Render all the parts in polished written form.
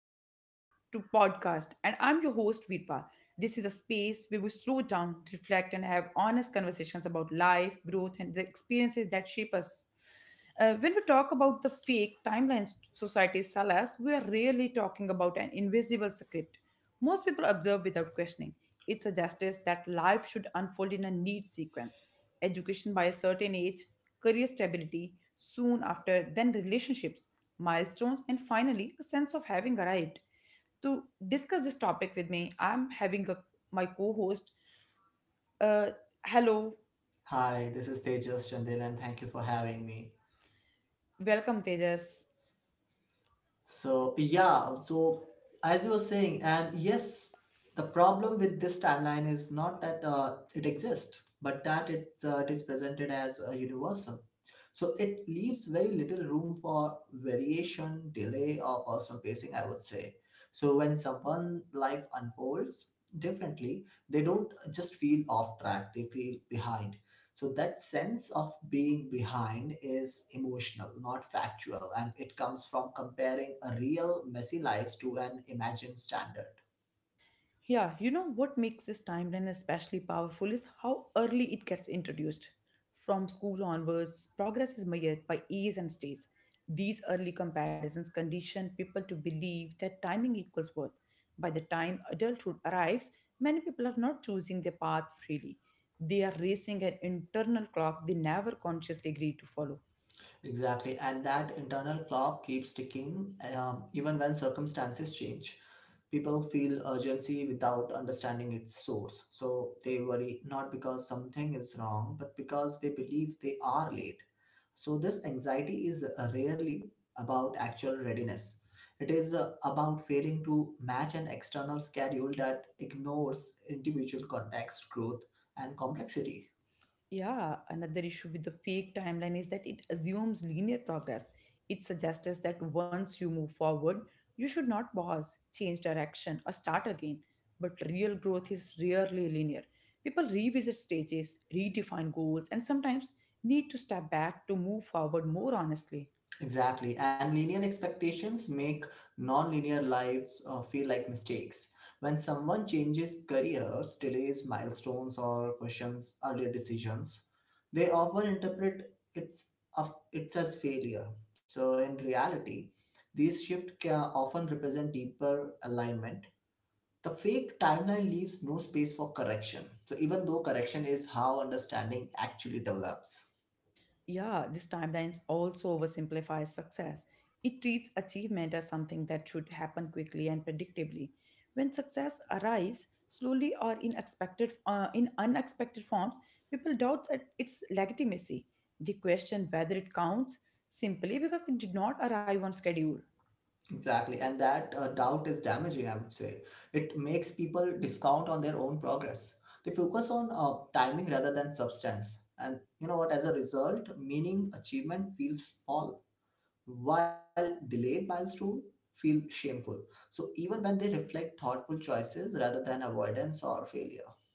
to podcast and I'm your host Veerpa. This is a space where we slow down, reflect and have honest conversations about life, growth and the experiences that shape us. When we talk about the fake timelines society sell us, we are really talking about an invisible script most people observe without questioning. It suggests that life should unfold in a neat sequence education by a certain age, career stability soon after, then relationships, milestones, and finally a sense of having arrived. To discuss this topic with me, I'm having my co host. Uh, Hello, Hi, this is Tejas Chandel, and thank you for having me. welcome, Tejas. So, as you were saying, and yes, the problem with this timeline is not that it exists, but that it is presented as universal. So, it leaves very little room for variation, delay, or personal pacing, I would say. So, when someone life unfolds differently, they don't just feel off track, they feel behind. So that sense of being behind is emotional, not factual, and it comes from comparing a real messy lives to an imagined standard. Yeah, you know what makes this timeline especially powerful is how early it gets introduced. From school onwards, progress is measured by A's and stays. These early comparisons condition people to believe that timing equals worth. By the time adulthood arrives, many people are not choosing their path freely. They are racing an internal clock they never consciously agreed to follow. Exactly. And that internal clock keeps ticking even when circumstances change. People feel urgency without understanding its source. So they worry not because something is wrong, but because they believe they are late. So this anxiety is rarely about actual readiness. It is about failing to match an external schedule that ignores individual context, growth, and complexity. Yeah, another issue with the fake timeline is that it assumes linear progress. It suggests us that once you move forward, you should not pause, change direction, or start again. But real growth is rarely linear. People revisit stages, redefine goals, and sometimes need to step back to move forward more honestly. Exactly. And linear expectations make non-linear lives feel like mistakes. When someone changes careers, delays milestones, or questions earlier decisions, they often interpret it's as failure. So in reality, these shifts can often represent deeper alignment. The fake timeline leaves no space for correction. So even though correction is how understanding actually develops. Yeah, this timeline also oversimplifies success. It treats achievement as something that should happen quickly and predictably. When success arrives slowly or in expected, in unexpected forms, people doubt at its legitimacy. They question whether it counts simply because it did not arrive on schedule. Exactly, and that doubt is damaging, I would say. It makes people discount on their own progress. They focus on timing rather than substance. And you know what, as a result, meaning achievement feels small, while delayed milestone feel shameful. So even when they reflect thoughtful choices rather than avoidance or failure.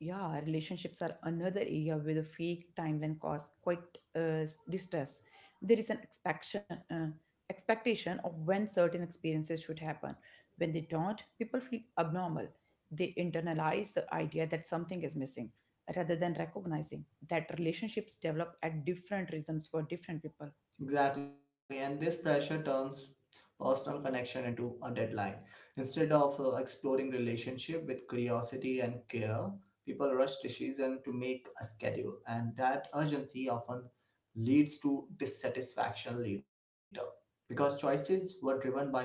Yeah, relationships are another area where the fake timeline cause quite distress. There is an expectation of when certain experiences should happen. When they don't, people feel abnormal. They internalize the idea that something is missing rather than recognizing that relationships develop at different rhythms for different people. Exactly, and this pressure turns personal connection into a deadline. Instead of exploring relationship with curiosity and care, people rush decision to make a schedule, and that urgency often leads to dissatisfaction later because choices were driven by fear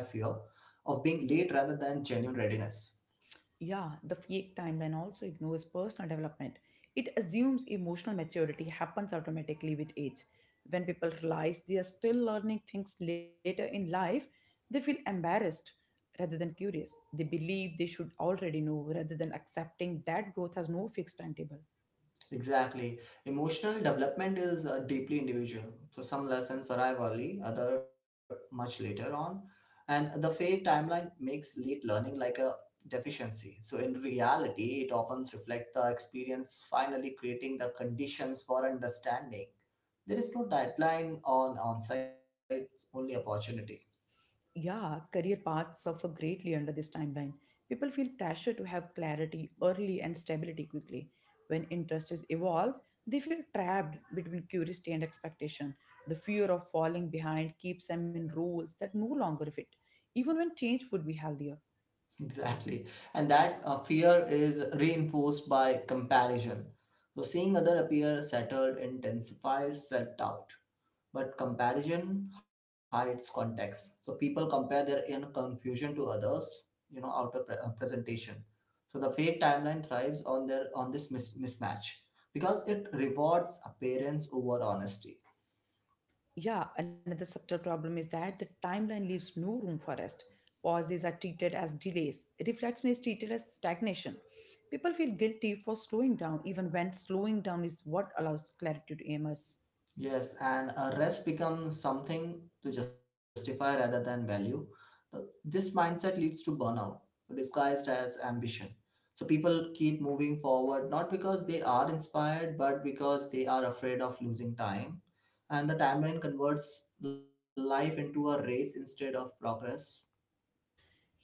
of being late rather than genuine readiness. Yeah, the fake timeline also ignores personal development. It assumes emotional maturity happens automatically with age. When people realize they are still learning things later in life, they feel embarrassed rather than curious. They believe they should already know rather than accepting that growth has no fixed timetable. Exactly. Emotional development is deeply individual. So some lessons arrive early, other much later on, and the fate timeline makes late learning like a deficiency. So in reality, it often reflects the experience finally creating the conditions for understanding. There is no deadline on on-site, only opportunity. Yeah, career paths suffer greatly under this timeline. People feel pressure to have clarity early and stability quickly. When interest is evolved, they feel trapped between curiosity and expectation. The fear of falling behind keeps them in roles that no longer fit, even when change would be healthier. Exactly. And that fear is reinforced by comparison. So seeing other appear settled intensifies self-doubt, but comparison hides context. So people compare their inner confusion to others, you know, outer presentation. So the fake timeline thrives on their on this mismatch because it rewards appearance over honesty. Yeah, another subtle problem is that the timeline leaves no room for rest. Pauses are treated as delays, reflection is treated as stagnation. People feel guilty for slowing down, even when slowing down is what allows clarity to emerge. Yes, and a rest becomes something to justify rather than value. But this mindset leads to burnout, disguised as ambition. So people keep moving forward not because they are inspired, but because they are afraid of losing time. And the timeline converts life into a race instead of progress.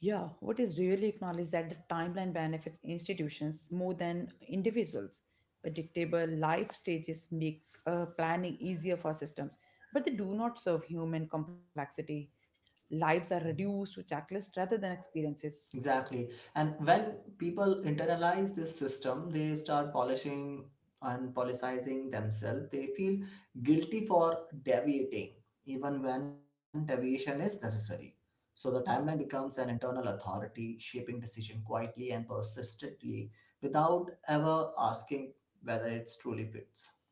Yeah, what is really acknowledged that the timeline benefits institutions more than individuals. Predictable life stages make planning easier for systems, but they do not serve human complexity. Lives are Mhm. reduced to checklists rather than experiences. Exactly. And when people internalize this system, they start polishing and policizing themselves. They feel guilty for deviating, even when deviation is necessary. So the timeline becomes an internal authority, shaping decision quietly and persistently without ever asking whether it's truly fits.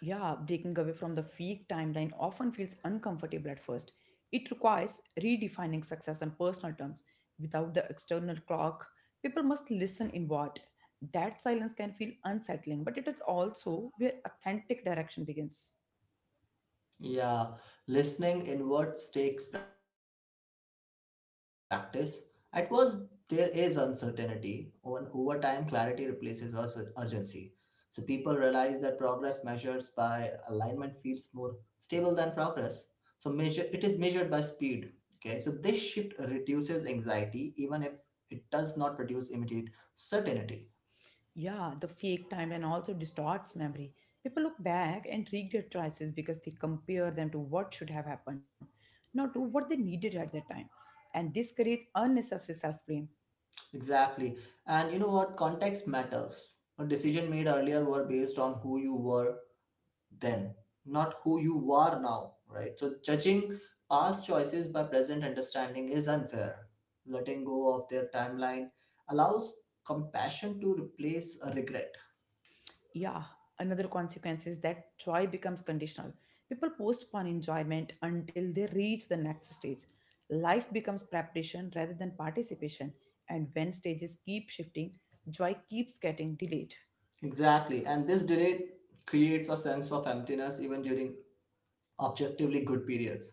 Yeah, breaking away from the fake timeline often feels uncomfortable at first. It requires redefining success on personal terms. Without the external clock, people must listen inward. That silence can feel unsettling, but it is also where authentic direction begins. Yeah, listening inwards takes practice. At first, there is uncertainty. On over time, clarity replaces us urgency. So people realize that progress measures by alignment feels more stable than progress. So measure it is measured by speed. Okay, so this shift reduces anxiety, even if it does not produce immediate certainty. Yeah, the fake timeline also distorts memory. People look back and regret choices because they compare them to what should have happened, not to what they needed at that time. And this creates unnecessary self blame. Exactly, and you know what? Context matters. A decision made earlier were based on who you were then, not who you are now, right? So, judging past choices by present understanding is unfair. Letting go of their timeline allows compassion to replace a regret. Yeah, another consequence is that joy becomes conditional. People postpone enjoyment until they reach the next stage. Life becomes preparation rather than participation, and when stages keep shifting, joy keeps getting delayed. Exactly. And this delay creates a sense of emptiness even during objectively good periods.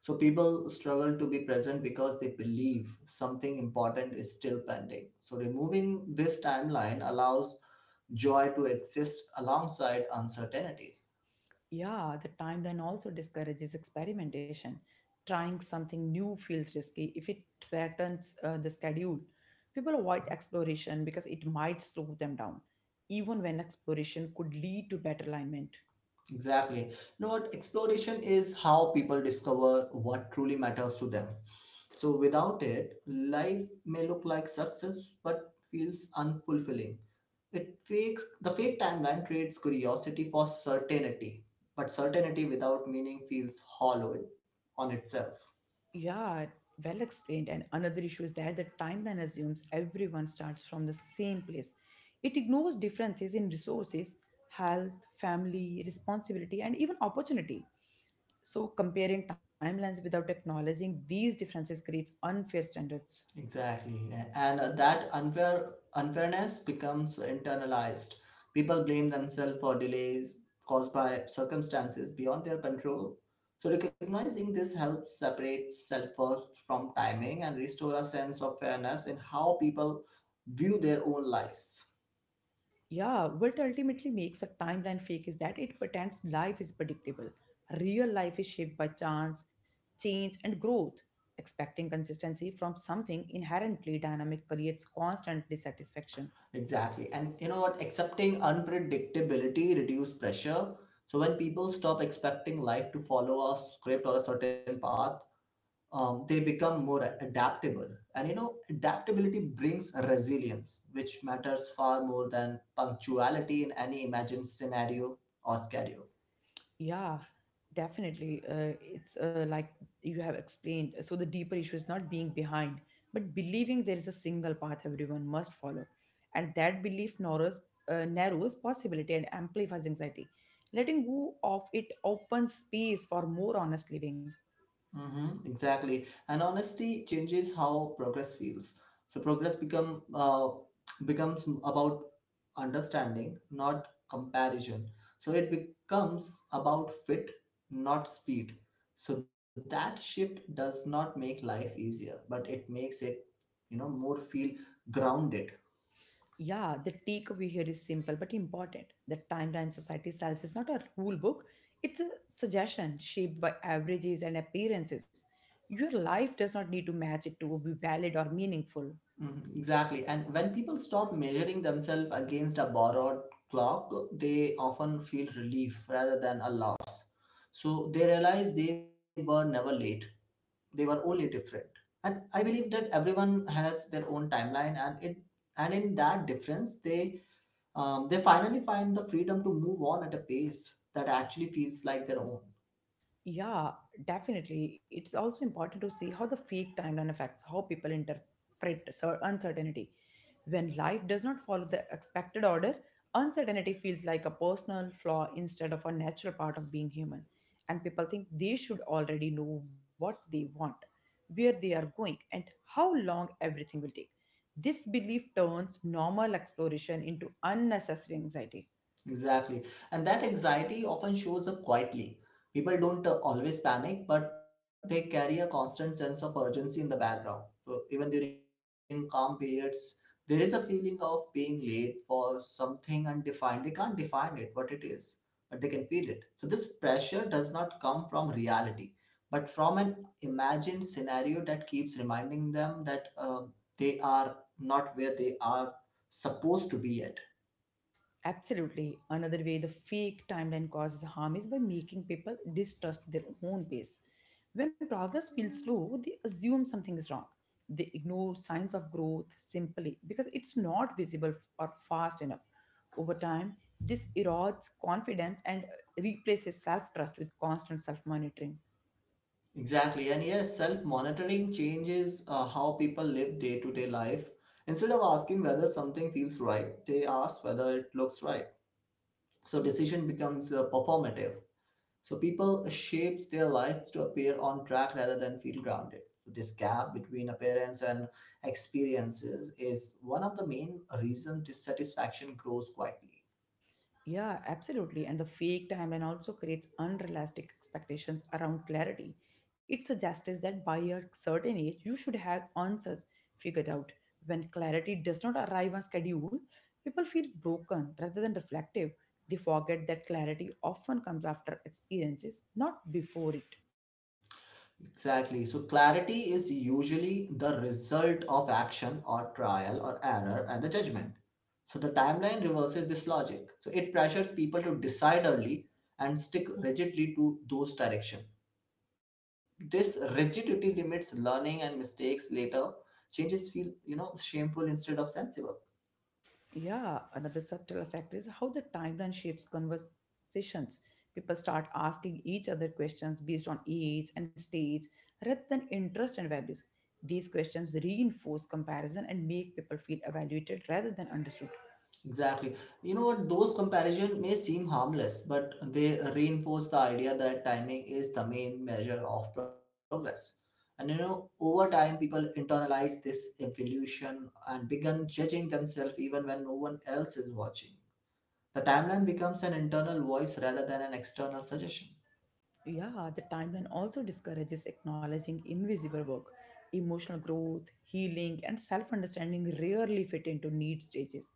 So, people struggle to be present because they believe something important is still pending. So, removing this timeline allows joy to exist alongside uncertainty. Yeah, the timeline also discourages experimentation. Trying something new feels risky if it threatens the schedule. People avoid exploration because it might slow them down, even when exploration could lead to better alignment. Exactly. You know what? Exploration is how people discover what truly matters to them. So without it, life may look like success but feels unfulfilling. It fakes the fake timeline creates curiosity for certainty, but certainty without meaning feels hollow on itself. Yeah, well explained. And another issue is that the timeline assumes everyone starts from the same place. It ignores differences in resources, health, family, responsibility, and even opportunity. So, comparing timelines without acknowledging these differences creates unfair standards. Exactly. And that unfairness becomes internalized. People blame themselves for delays caused by circumstances beyond their control. So recognizing this helps separate self-worth from timing and restore a sense of fairness in how people view their own lives. Yeah, what ultimately makes a timeline fake is that it pretends life is predictable. Real life is shaped by chance, change, and growth. Expecting consistency from something inherently dynamic creates constant dissatisfaction. Exactly. And you know what? Accepting unpredictability reduce pressure. So when people stop expecting life to follow a script or a certain path, they become more adaptable, and you know, adaptability brings resilience, which matters far more than punctuality in any imagined scenario or schedule. Yeah, definitely. It's Like you have explained. So the deeper issue is not being behind, but believing there is a single path everyone must follow, and that belief narrows possibility and amplifies anxiety. Letting go of it opens space for more honest living. Hmm, exactly. And honesty changes how progress feels. So progress becomes about understanding, not comparison. So it becomes about fit, not speed. So that shift does not make life easier, but it makes it, you know, more feel grounded. Yeah, the takeaway here is simple but important. The timeline society sells is not a rule book, it's a suggestion shaped by averages and appearances. Your life does not need to match it to be valid or meaningful. Mhm, exactly. And when people stop measuring themselves against a borrowed clock, they often feel relief rather than a loss. So they realize they were never late, they were only different. And I believe that everyone has their own timeline, and it and in that difference, they finally find the freedom to move on at a pace that actually feels like their own. Yeah, definitely. It's also important to see how the fake timeline affects how people interpret uncertainty. When life does not follow the expected order, uncertainty feels like a personal flaw instead of a natural part of being human. And people think they should already know what they want, where they are going, and how long everything will take. This belief turns normal exploration into unnecessary anxiety. Exactly. And that anxiety often shows up quietly. People don't always panic, but they carry a constant sense of urgency in the background. So even during calm periods, there is a feeling of being late for something undefined. They can't define it, what it is, but they can feel it. So this pressure does not come from reality, but from an imagined scenario that keeps reminding them that they are not where they are supposed to be yet. Absolutely. Another way the fake timeline causes harm is by making people distrust their own pace. When progress feels slow, they assume something is wrong. They ignore signs of growth simply because it's not visible or fast enough. Over time, this erodes confidence and replaces self trust with constant self monitoring. Exactly. And yes, self monitoring changes how people live day to day life. Instead of asking whether something feels right, they ask whether it looks right. So decision becomes performative. So people shapes their lives to appear on track rather than feel grounded. So this gap between appearance and experiences is one of the main reason dissatisfaction grows quietly. Yeah, absolutely. And the fake timeline also creates unrealistic expectations around clarity. It suggests that by a certain age, you should have answers figured out. When clarity does not arrive on schedule, people feel broken rather than reflective. They forget that clarity often comes after experiences, not before it. Exactly. So clarity is usually the result of action or trial or error and the judgment. So the timeline reverses this logic. So it pressures people to decide early and stick rigidly to those direction. This rigidity limits learning and mistakes later. Changes feel, you know, shameful instead of sensible. Yeah, another subtle effect is how the timeline shapes conversations. People start asking each other questions based on age and stage rather than interest and values. These questions reinforce comparison and make people feel evaluated rather than understood. Exactly. You know what? Those comparison may seem harmless, but they reinforce the idea that timing is the main measure of progress. And you know, over time, people internalize this evolution and begin judging themselves even when no one else is watching. The timeline becomes an internal voice rather than an external suggestion. Yeah, the timeline also discourages acknowledging invisible work. Emotional growth, healing, and self understanding rarely fit into need stages.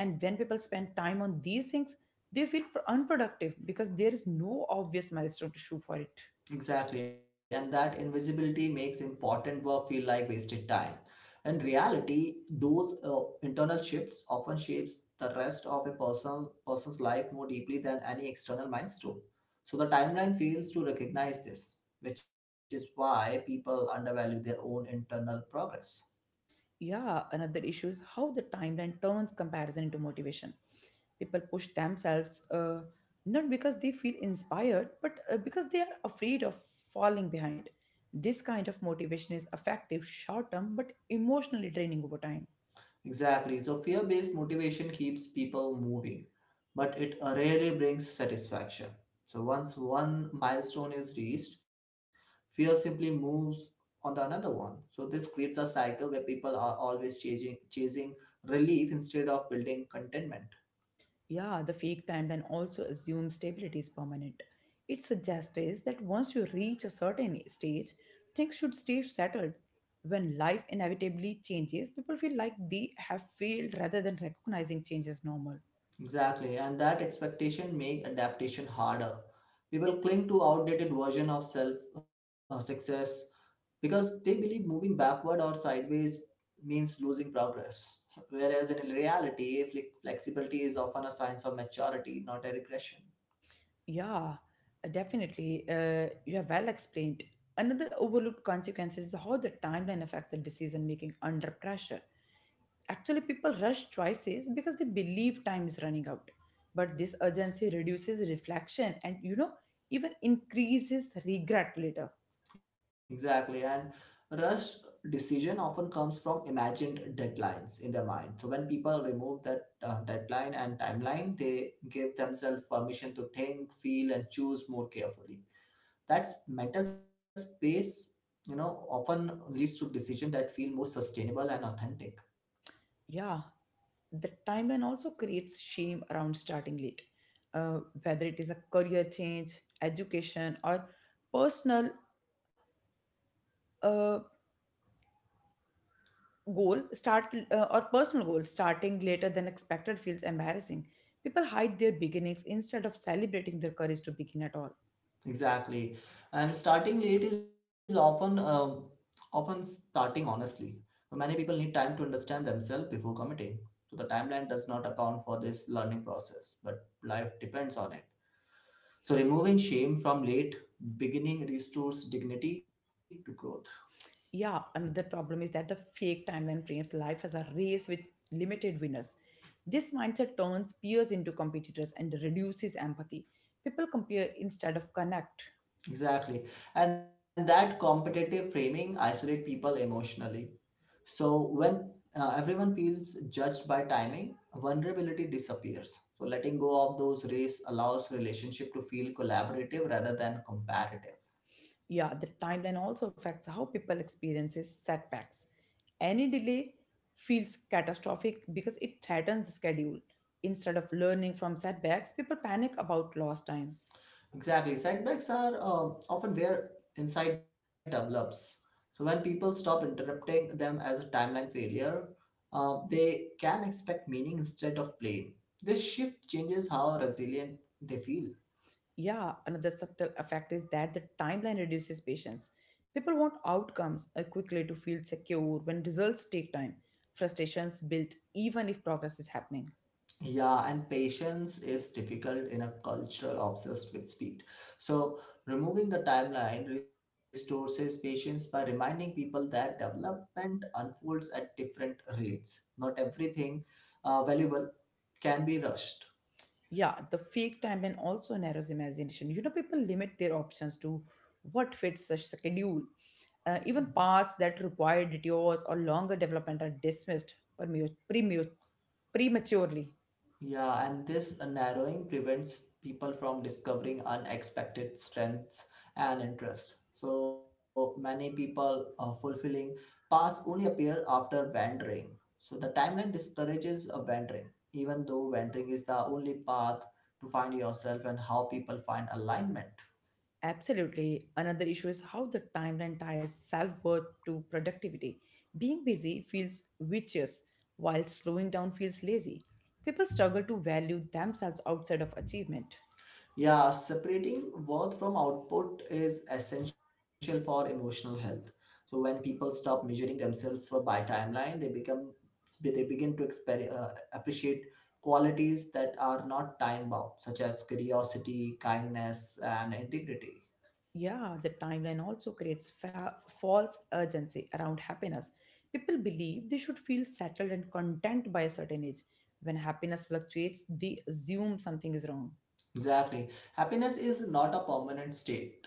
And when people spend time on these things, they feel unproductive because there is no obvious milestone to shoot for it. Exactly, and that invisibility makes important work feel like wasted time. In reality, those internal shifts often shapes the rest of a person's life more deeply than any external milestone. So the timeline fails to recognize this, which is why people undervalue their own internal progress. Yeah, another issue is how the timeline turns comparison into motivation. People push themselves not because they feel inspired, but because they are afraid of falling behind. This kind of motivation is effective short term but emotionally draining over time. Exactly. So fear based motivation keeps people moving, but it rarely brings satisfaction. So once one milestone is reached, fear simply moves on to another one. So this creates a cycle where people are always chasing relief instead of building contentment. Yeah, the fake timeline also assumes stability is permanent. It suggests that once you reach a certain stage, things should stay settled. When life inevitably changes, people feel like they have failed rather than recognizing change as normal. Exactly, and that expectation make adaptation harder. People cling to outdated version of self success because they believe moving backward or sideways means losing progress. Whereas in reality, flexibility is often a sign of maturity, not a regression. Yeah, definitely. You have well explained. Another overlooked consequence is how the timeline affects the decision making under pressure. Actually, people rush choices because they believe time is running out. But this urgency reduces reflection and, you know, even increases regret later. Exactly. And rushed decision often comes from imagined deadlines in their mind. So when people remove that deadline and timeline, they give themselves permission to think, feel, and choose more carefully. That mental space, you know, often leads to decision that feel more sustainable and authentic. Yeah, the timeline also creates shame around starting late, whether it is a career change, education, or personal uh, goal. Start personal goal starting later than expected feels embarrassing. People hide their beginnings instead of celebrating their courage to begin at all. Exactly. And starting late is often starting honestly. Many people need time to understand themselves before committing. So the timeline does not account for this learning process, but life depends on it. So removing shame from late beginning restores dignity to growth. Yeah, another problem is that the fake timeline frames life as a race with limited winners. This mindset turns peers into competitors and reduces empathy. People compare instead of connect. Exactly. And that competitive framing isolate people emotionally. So when everyone feels judged by timing, vulnerability disappears. So letting go of those rays allows relationship to feel collaborative rather than comparative. Yeah, the timeline also affects how people experiences setbacks. Any delay feels catastrophic because it threatens the schedule. Instead of learning from setbacks, people panic about lost time. Exactly, setbacks are often where insight develops. So when people stop interrupting them as a timeline failure, they can expect meaning instead of blame. This shift changes how resilient they feel. Yeah, another subtle effect is that the timeline reduces patience. People want outcomes quickly to feel secure when results take time. Frustrations build even if progress is happening. Yeah, and patience is difficult in a cultural obsessed with speed. So, removing the timeline restores patience by reminding people that development unfolds at different rates. Not everything valuable can be rushed. Yeah, the fake timeline also narrows imagination. You know, people limit their options to what fits the schedule. Even paths that require detours or longer development are dismissed premu- premu- prematurely. Yeah, and this narrowing prevents people from discovering unexpected strengths and interests. So many people fulfilling paths only appear after wandering. So the timeline discourages a wandering, even though wandering is the only path to find yourself and how people find alignment. Absolutely. Another issue is how the timeline ties self worth to productivity. Being busy feels vicious, while slowing down feels lazy. People struggle to value themselves outside of achievement. Yeah, separating worth from output is essential for emotional health. So when people stop measuring themselves by timeline, they become they begin to appreciate qualities that are not time bound, such as curiosity, kindness, and integrity. Yeah, the timeline also creates false urgency around happiness. People believe they should feel settled and content by a certain age. When happiness fluctuates, they assume something is wrong. Exactly, happiness is not a permanent state.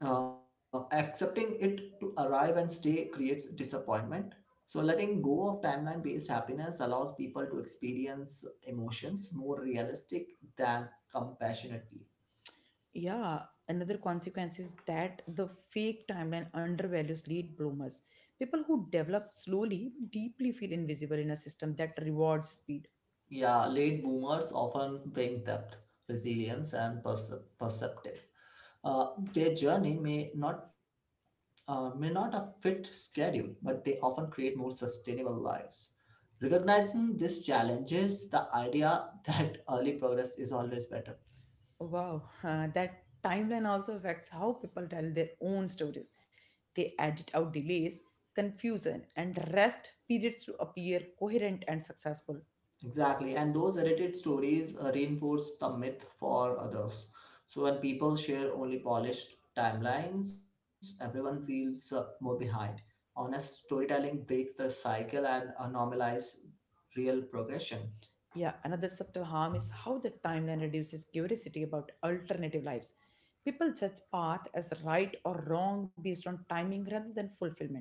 Accepting it to arrive and stay creates disappointment. So, letting go of timeline based happiness allows people to experience emotions more realistic than compassionately. Yeah, another consequence is that the fake timeline undervalues late bloomers. People who develop slowly but deeply feel invisible in a system that rewards speed. Yeah, late boomers often bring depth, resilience, and perceptive. Uh, their journey may not a fit schedule, but they often create more sustainable lives. Recognizing these challenges, the idea that early progress is always better. Wow, that timeline also affects how people tell their own stories. They edit out delays, confusion, and rest periods to appear coherent and successful. Exactly, and those edited stories reinforce the myth for others. So when people share only polished timelines, everyone feels more behind. Honest storytelling breaks the cycle and normalize real progression. Yeah, another subtle harm is how the timeline reduces curiosity about alternative lives. People judge path as right or wrong based on timing rather than fulfillment.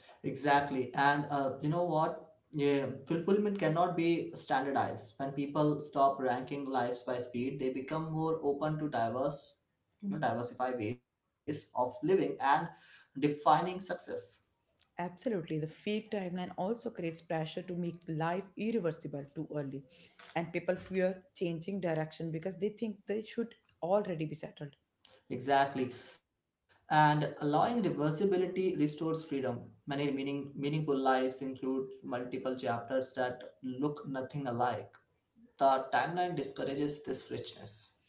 Exactly, and you know what? Yeah, fulfillment cannot be standardized. When people stop ranking lives by speed, they become more open to diverse, diversify ways of living and defining success. Absolutely. The fake timeline also creates pressure to make life irreversible too early. And people fear changing direction because they think they should already be settled. Exactly. And allowing reversibility restores freedom. Many meaningful lives include multiple chapters that look nothing alike. The timeline discourages this richness.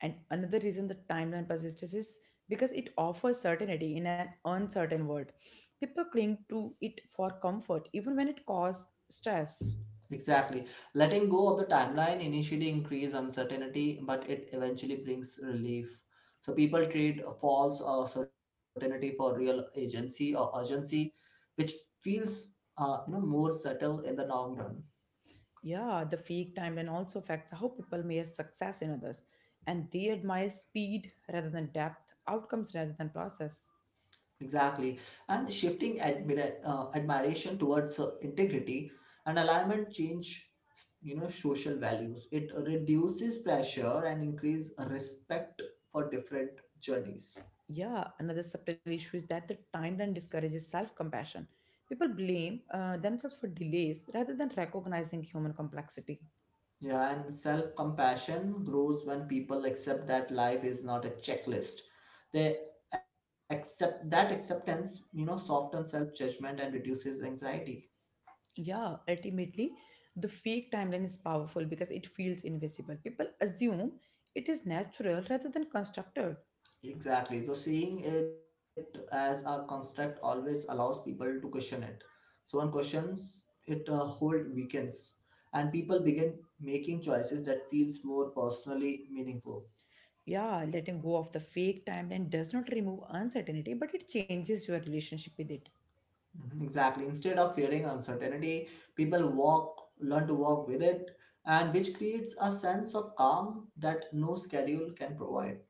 And another reason the timeline persists is because it offers certainty in an uncertain world. People cling to it for comfort, even when it causes stress. Exactly. Letting go of the timeline initially increases uncertainty, but it eventually brings relief. So people trade a false certainty for real agency or urgency, which feels more subtle in the long run. Yeah, the fake timeline also affects how people measure success in others. And they admire speed rather than depth, outcomes rather than process. Exactly. And shifting admiration towards integrity and alignment change, social values. It reduces pressure and increase respect for different journeys. Yeah, another subtle issue is that the timeline discourages self compassion. People blame themselves for delays rather than recognizing human complexity. Yeah, and self-compassion grows when people accept that life is not a checklist. They accept that acceptance, softens self-judgment and reduces anxiety. Yeah, ultimately, the fake timeline is powerful because it feels invisible. People assume it is natural rather than constructed. Exactly. So seeing it as a construct always allows people to question it. So one questions it a whole weekends, and people begin making choices that feels more personally meaningful. Yeah, letting go of the fake timeline does not remove uncertainty, but it changes your relationship with it. Mhm, exactly. Instead of fearing uncertainty, people walk, learn to walk with it, and which creates a sense of calm that no schedule can provide.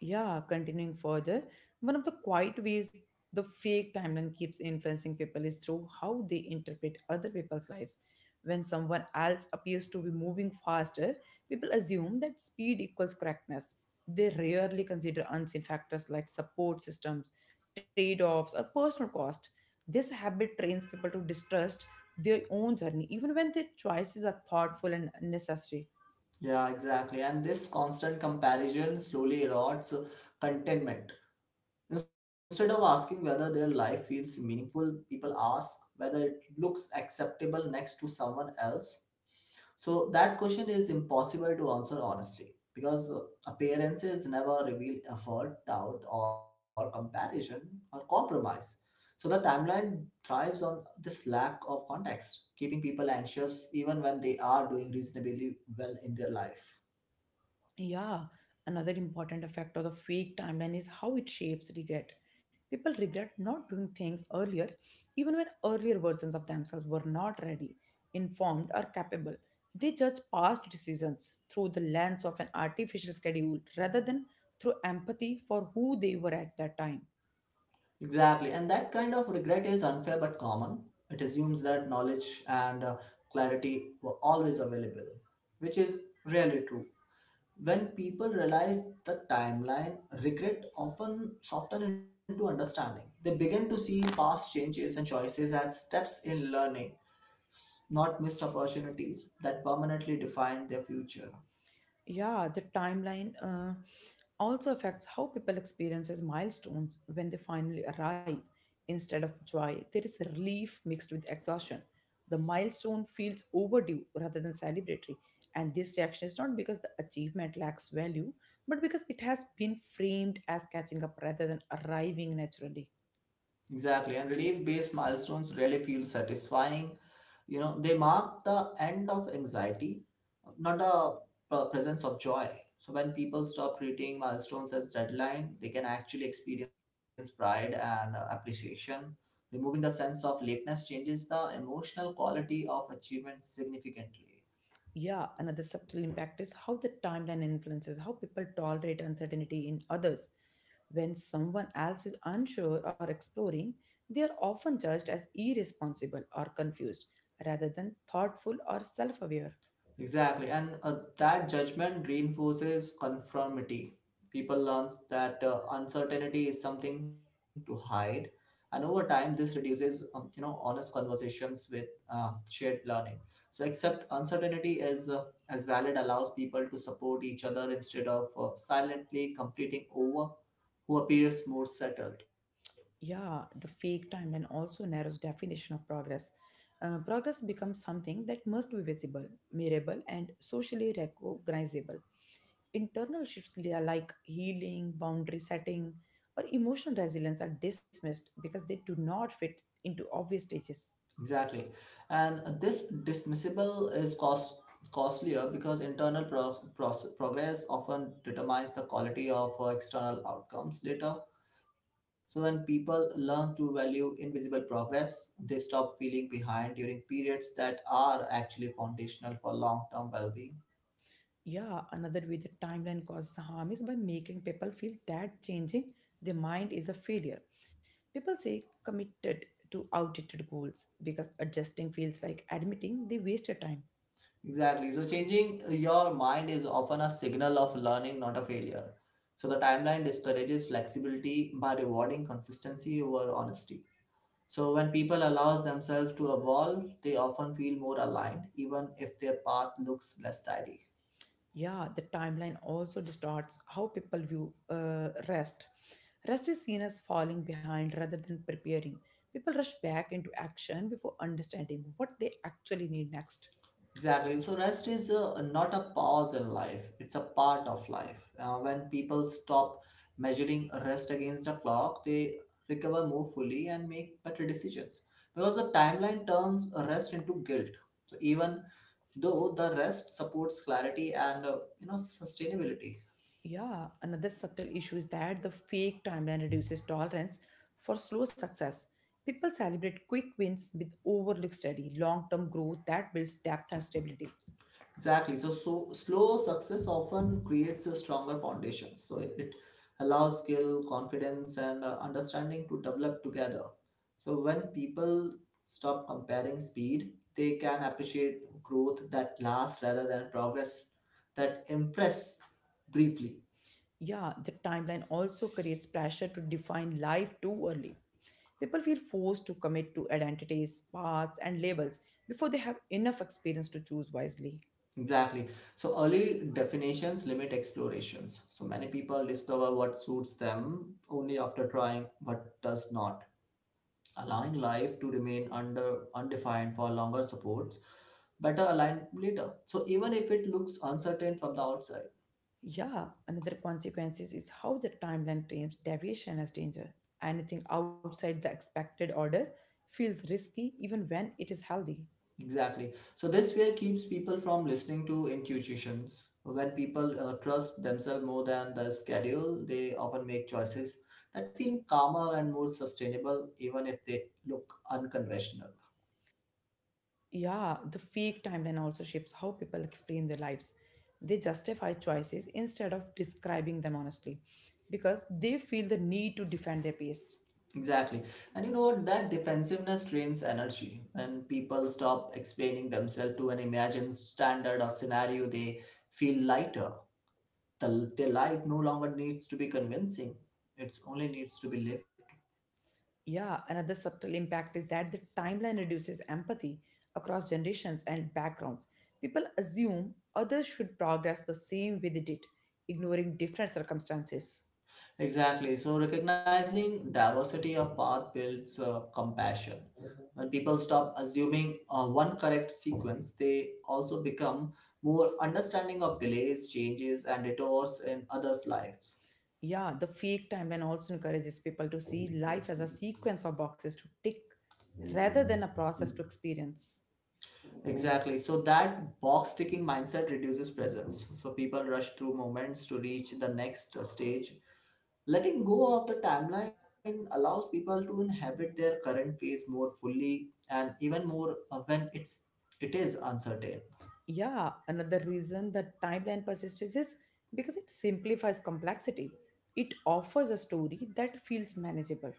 Yeah, continuing further, one of the quiet ways the fake timeline keeps influencing people is through how they interpret other people's lives. When someone else appears to be moving faster, people assume that speed equals correctness. They rarely consider unseen factors like support systems, trade offs, or personal cost. This habit trains people to distrust their own journey, even when their choices are thoughtful and necessary. Yeah, exactly. And this constant comparison slowly erodes contentment. Instead of asking whether their life feels meaningful, people ask whether it looks acceptable next to someone else. So that question is impossible to answer honestly because appearances never reveal effort, doubt, or comparison or compromise. So the timeline thrives on this lack of context, keeping people anxious even when they are doing reasonably well in their life. Yeah, another important effect of the fake timeline is how it shapes regret. People regret not doing things earlier, even when earlier versions of themselves were not ready, informed, or capable. They judge past decisions through the lens of an artificial schedule rather than through empathy for who they were at that time. Exactly, and that kind of regret is unfair but common. It assumes that knowledge and clarity were always available, which is rarely true. When people realize the timeline, regret often soften into understanding. They begin to see past changes and choices as steps in learning, not missed opportunities that permanently define their future. Yeah, the timeline also affects how people experiences milestones when they finally arrive. Instead of joy, there is relief mixed with exhaustion. The milestone feels overdue rather than celebratory, and this reaction is not because the achievement lacks value, but because it has been framed as catching up rather than arriving naturally. Exactly, and relief based milestones rarely feel satisfying. You know, they mark the end of anxiety, not the presence of joy. So, when people stop treating milestones as deadline, they can actually experience pride and appreciation. Removing the sense of lateness changes the emotional quality of achievement significantly. Yeah, another subtle impact is how the timeline influences how people tolerate uncertainty in others. When someone else is unsure or exploring, they are often judged as irresponsible or confused rather than thoughtful or self aware. Exactly, and that judgment reinforces conformity. People learn that uncertainty is something to hide, and over time, this reduces honest conversations with shared learning. So, accept uncertainty as valid allows people to support each other instead of silently completing over who appears more settled. Yeah, the fake timeline also narrows definition of progress. Progress becomes something that must be visible, measurable, and socially recognizable. Internal shifts like healing, boundary setting, or emotional resilience are dismissed because they do not fit into obvious stages. Exactly. And this dismissible is costlier because internal progress often determines the quality of external outcomes later. So when people learn to value invisible progress, they stop feeling behind during periods that are actually foundational for long-term well-being. Yeah, another way the timeline causes harm is by making people feel that changing their mind is a failure. People say committed to outdated goals because adjusting feels like admitting they wasted time. Exactly. So changing your mind is often a signal of learning, not a failure. So the timeline discourages flexibility by rewarding consistency over honesty. So when people allows themselves to evolve, they often feel more aligned, even if their path looks less tidy. Yeah, the timeline also distorts how people view rest. Rest is seen as falling behind rather than preparing. People rush back into action before understanding what they actually need next. Exactly. So rest is not a pause in life; it's a part of life. When people stop measuring rest against a clock, they recover more fully and make better decisions. Because the timeline turns rest into guilt. So even though the rest supports clarity and sustainability. Yeah, another subtle issue is that the fake timeline reduces tolerance for slow success. People celebrate quick wins with overlook steady, long term growth that builds depth and stability. Exactly. So slow success often creates a stronger foundation. So it allows skill, confidence, and understanding to develop together. So when people stop comparing speed, they can appreciate growth that lasts rather than progress that impress briefly. Yeah, the timeline also creates pressure to define life too early. People feel forced to commit to identities, paths, and labels before they have enough experience to choose wisely. Exactly. So early definitions limit explorations. So many people discover what suits them only after trying what does not allowing life to remain under undefined for longer supports better aligned later, so even if it looks uncertain from the outside. Yeah, another consequence is how the timeline frames deviation as danger. Anything outside the expected order feels risky even when it is healthy. Exactly, so this fear keeps people from listening to intuitions. When people trust themselves more than the schedule, they often make choices that feel calmer and more sustainable even if they look unconventional. Yeah, the fake timeline also shapes how people explain their lives. They justify choices instead of describing them honestly because they feel the need to defend their pace. Exactly. And you know what? That defensiveness drains energy. When people stop explaining themselves to an imagined standard or scenario, they feel lighter. Their life no longer needs to be convincing, it only needs to be lived. Yeah, another subtle impact is that the timeline reduces empathy across generations and backgrounds. People assume others should progress the same way they did, ignoring different circumstances. Exactly. So, recognizing diversity of path builds compassion. When people stop assuming one correct sequence, they also become more understanding of delays, changes, and detours in others' lives. Yeah, the fake timeline also encourages people to see life as a sequence of boxes to tick rather than a process to experience. Exactly. So that box ticking mindset reduces presence. So people rush through moments to reach the next stage. Letting go of the timeline allows people to inhabit their current phase more fully and even more uh, when it is uncertain. Yeah, another reason that timeline persists is because it simplifies complexity. It offers a story that feels manageable.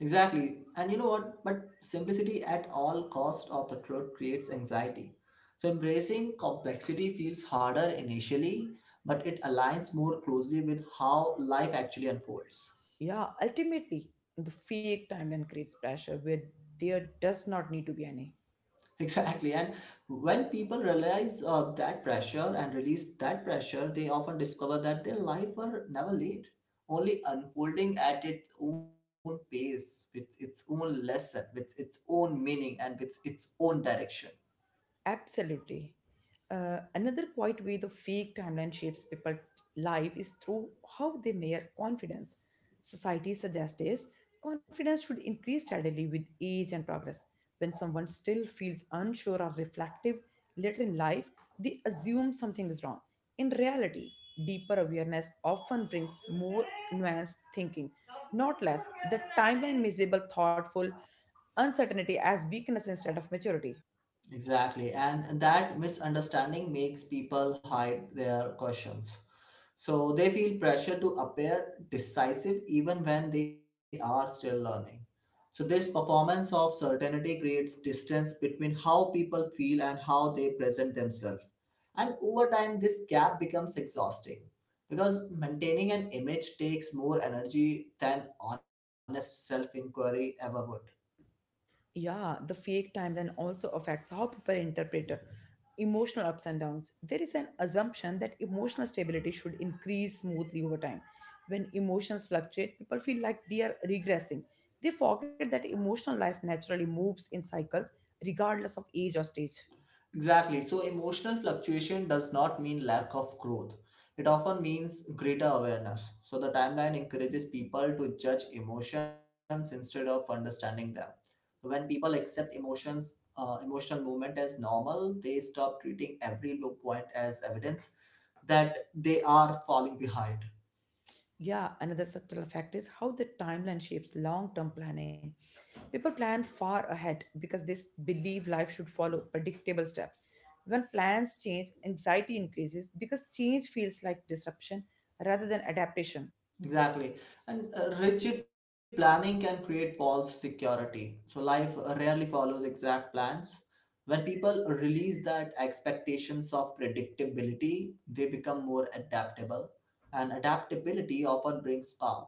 Exactly. And you know what? But simplicity at all cost of the truth creates anxiety. So embracing complexity feels harder initially, but it aligns more closely with how life actually unfolds. Yeah, ultimately, the fake timeline creates pressure where there does not need to be any. Exactly. And when people realize that pressure and release that pressure, they often discover that their life were never late, only unfolding at its own pace, with its own lesson, with its own meaning, and with its own direction. Absolutely. Another quite way the fake timeline shapes people' life is through how they measure confidence. Society suggests is confidence should increase steadily with age and progress. When someone still feels unsure or reflective later in life, they assume something is wrong. In reality, deeper awareness often brings more nuanced thinking, not less. The timeline miserable, thoughtful uncertainty as weakness instead of maturity. Exactly, and that misunderstanding makes people hide their questions. So they feel pressure to appear decisive even when they are still learning. So, this performance of certainty creates distance between how people feel and how they present themselves. And over time, this gap becomes exhausting because maintaining an image takes more energy than honest self inquiry ever would. Yeah, the fake timeline also affects how people interpret emotional ups and downs. There is an assumption that emotional stability should increase smoothly over time. When emotions fluctuate, people feel like they are regressing. They forget that emotional life naturally moves in cycles regardless of age or stage. Exactly. So emotional fluctuation does not mean lack of growth. It often means greater awareness. So the timeline encourages people to judge emotions instead of understanding them. So when people accept emotions, emotional movement as normal, they stop treating every low point as evidence that they are falling behind. Yeah, another subtle effect is how the timeline shapes long term planning. People plan far ahead because believe life should follow predictable steps. When plans change, anxiety increases because change feels like disruption rather than adaptation. Exactly. And rigid planning can create false security. So life rarely follows exact plans. When people release that expectations of predictability, they become more adaptable. And adaptability often brings calm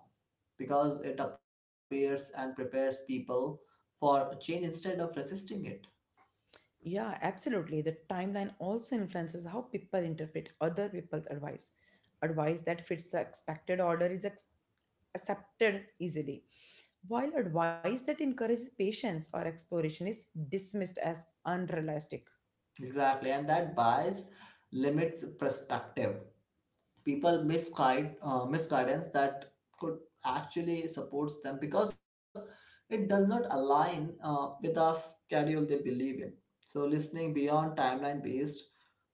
because it appears and prepares people for change instead of resisting it. Yeah, absolutely. The timeline also influences how people interpret other people's advice. Advice that fits the expected order is accepted easily, while advice that encourages patience or exploration is dismissed as unrealistic. Exactly. And that bias limits perspective. People misguide misguidance that could actually supports them because it does not align with the schedule they believe in. So listening beyond timeline based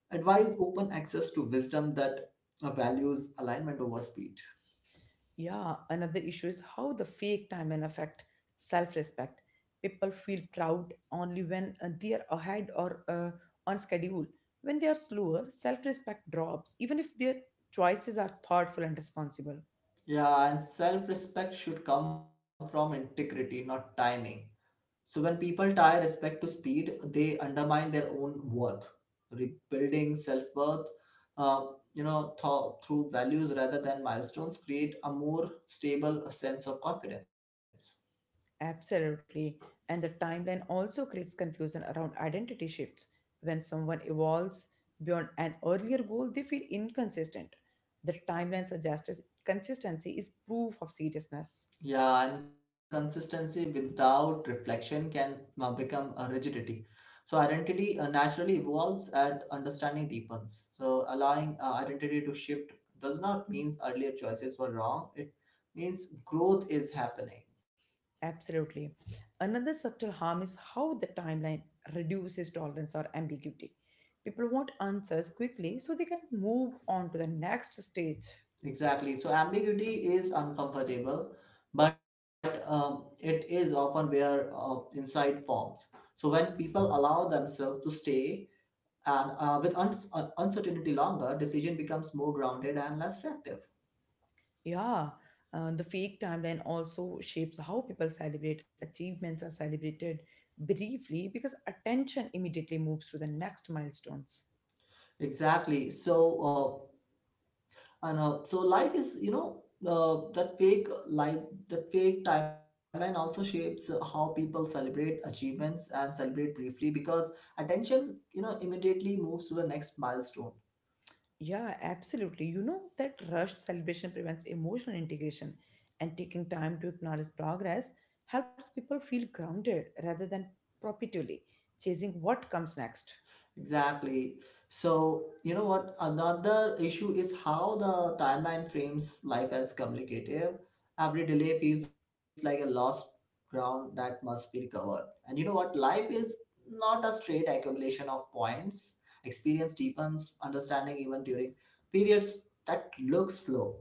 advice open access to wisdom that values alignment over speed. Yeah, another issue is how the fake timeline affect self-respect. People feel proud only when they are ahead or on schedule. When they are slower, self-respect drops, even if their choices are thoughtful and responsible. Yeah, and self-respect should come from integrity, not timing. So when people tie respect to speed, they undermine their own worth, rebuilding self-worth. Uh, Through values rather than milestones, create a more stable sense of confidence. Absolutely. And the timeline also creates confusion around identity shifts. When someone evolves beyond an earlier goal, they feel inconsistent. The timeline suggests consistency is proof of seriousness. Yeah, and consistency without reflection can become a rigidity. So identity naturally evolves and understanding deepens. So allowing identity to shift does not mean earlier choices were wrong. It means growth is happening. Absolutely. Another subtle harm is how the timeline reduces tolerance or ambiguity. People want answers quickly so they can move on to the next stage. Exactly. So ambiguity is uncomfortable, but it is often where insight forms. So when people allow themselves to stay and with uncertainty longer, decision becomes more grounded and less reactive. Yeah, the fake timeline also shapes how people celebrate. Achievements are celebrated briefly because attention immediately moves to the next milestones. Exactly. So life is, that fake life, that fake timeline also shapes how people celebrate achievements and celebrate briefly because attention, immediately moves to the next milestone. Yeah, absolutely. You know that rushed celebration prevents emotional integration, and taking time to acknowledge progress helps people feel grounded rather than perpetually chasing what comes next. Exactly. So, you know what? Another issue is how the timeline frames life as communicative. Every delay feels like a lost ground that must be recovered. And you know what? Life is not a straight accumulation of points. Experience deepens, understanding even during periods that look slow.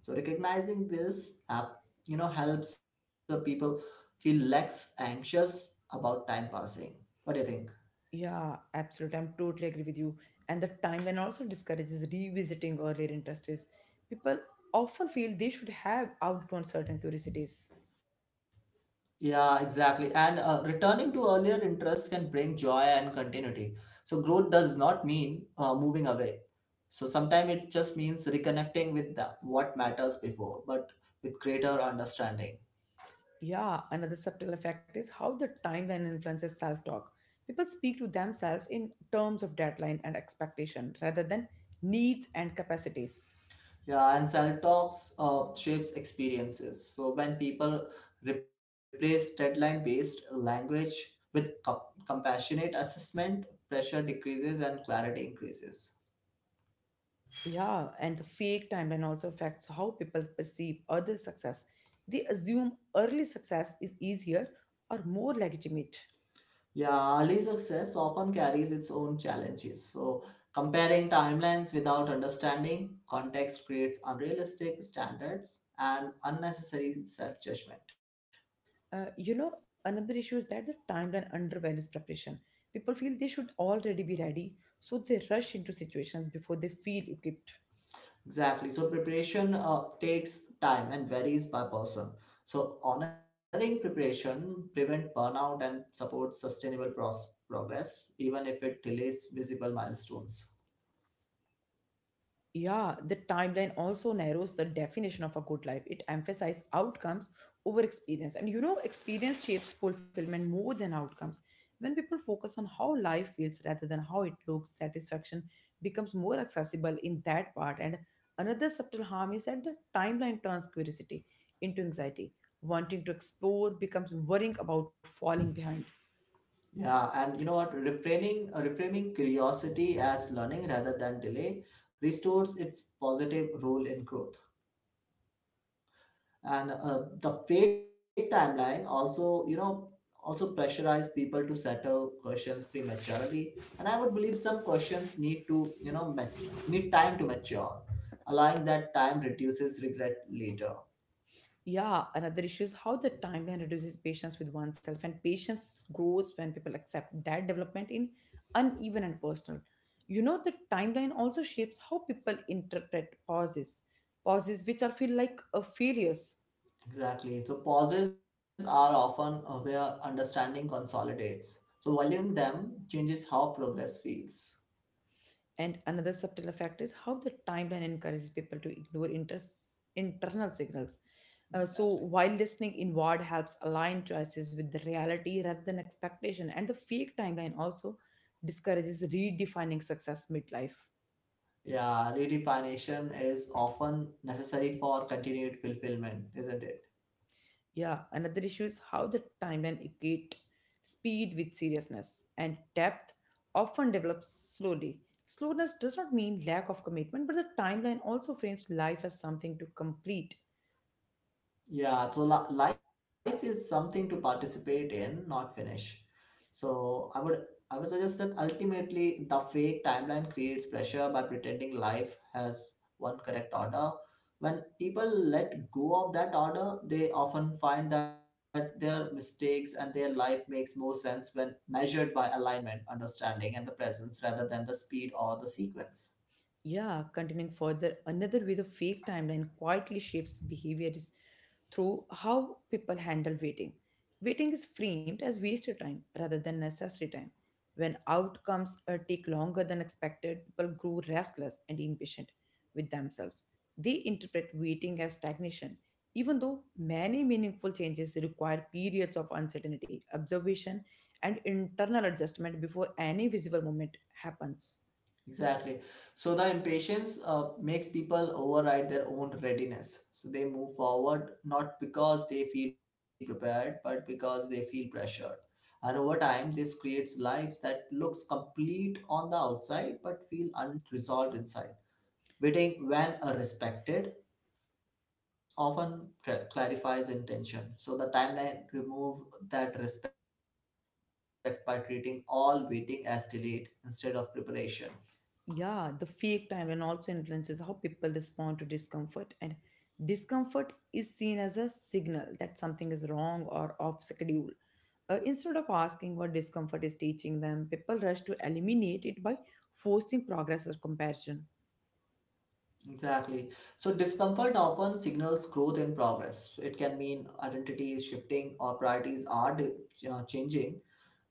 So recognizing this, helps people feel less anxious about time passing. What do you think? Yeah, absolutely. I'm totally agree with you. And the timeline also discourages revisiting earlier interests. People often feel they should have outgrown certain curiosities. Yeah, exactly. And returning to earlier interests can bring joy and continuity. So, growth does not mean moving away. So, sometimes it just means reconnecting with the, what matters before, but with greater understanding. Yeah, another subtle effect is how the timeline influences self talk. People speak to themselves in terms of deadline and expectation rather than needs and capacities. Yeah, and self talks shapes experiences. So, when people replace deadline based language with compassionate assessment, pressure decreases and clarity increases. Yeah, and the fake timeline also affects how people perceive other success. They assume early success is easier or more legitimate. Yeah, early success often carries its own challenges. So, comparing timelines without understanding context creates unrealistic standards and unnecessary self judgment. You know, another issue is that the timeline undervalues preparation. People feel they should already be ready, so they rush into situations before they feel equipped. Exactly. So, preparation takes time and varies by person. So, honoring preparation prevents burnout and supports sustainable progress, even if it delays visible milestones. Yeah, the timeline also narrows the definition of a good life. It emphasizes outcomes over experience. And you know, experience shapes fulfillment more than outcomes. When people focus on how life feels rather than how it looks, satisfaction becomes more accessible in that part. And another subtle harm is that the timeline turns curiosity into anxiety. Wanting to explore becomes worrying about falling behind. Yeah, and you know what? Reframing curiosity as learning rather than delay restores its positive role in growth. And The fake timeline also, also pressurize people to settle questions prematurely. And I would believe some questions need to, need time to mature. Allowing that time reduces regret later. Yeah, another issue is how the timeline reduces patience with oneself, and patience grows when people accept that development in uneven and personal. You know, the timeline also shapes how people interpret pauses, pauses which are feel like a failures. Exactly. So pauses are often where understanding consolidates. So valuing them changes how progress feels. And another subtle effect is how the timeline encourages people to ignore internal signals. So, Exactly. while listening inward helps align choices with the reality rather than expectation, and the fake timeline also discourages redefining success midlife. Yeah, redefinition is often necessary for continued fulfillment, isn't it? Yeah, another issue is how the timeline equate speed with seriousness and depth often develops slowly. Slowness does not mean lack of commitment, but the timeline also frames life as something to complete. Yeah, so li life is something to participate in, not finish. So I would suggest that ultimately the fake timeline creates pressure by pretending life has one correct order. When people let go of that order, they often find that their mistakes and their life makes more sense when measured by alignment, understanding, and the presence rather than the speed or the sequence. Yeah, continuing further, another way the fake timeline quietly shapes behavior is through how people handle waiting. Waiting is framed as wasted time rather than necessary time. When outcomes take longer than expected, people grow restless and impatient with themselves. They interpret waiting as stagnation, even though many meaningful changes require periods of uncertainty, observation, and internal adjustment before any visible movement happens. Exactly. So the impatience makes people override their own readiness. So they move forward not because they feel prepared, but because they feel pressured. And over time, this creates lives that looks complete on the outside but feel unresolved inside. Waiting when a respected often clarifies intention. So the timeline remove that respect by treating all waiting as delayed instead of preparation. Yeah, the fake timeline also influences how people respond to discomfort, and discomfort is seen as a signal that something is wrong or off schedule. Instead of asking what discomfort is teaching them, people rush to eliminate it by forcing progress or comparison. Exactly. So discomfort often signals growth and progress. It can mean identity is shifting or priorities are changing.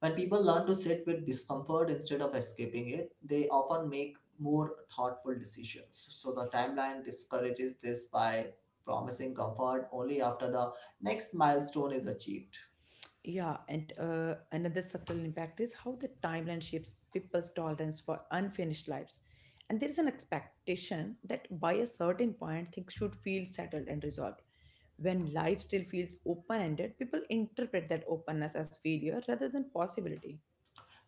When people learn to sit with discomfort instead of escaping it, they often make more thoughtful decisions. So the timeline discourages this by promising comfort only after the next milestone is achieved. Yeah, and another subtle impact is how the timeline shapes people's tolerance for unfinished lives. And there is an expectation that by a certain point, things should feel settled and resolved. When life still feels open ended, people interpret that openness as failure rather than possibility.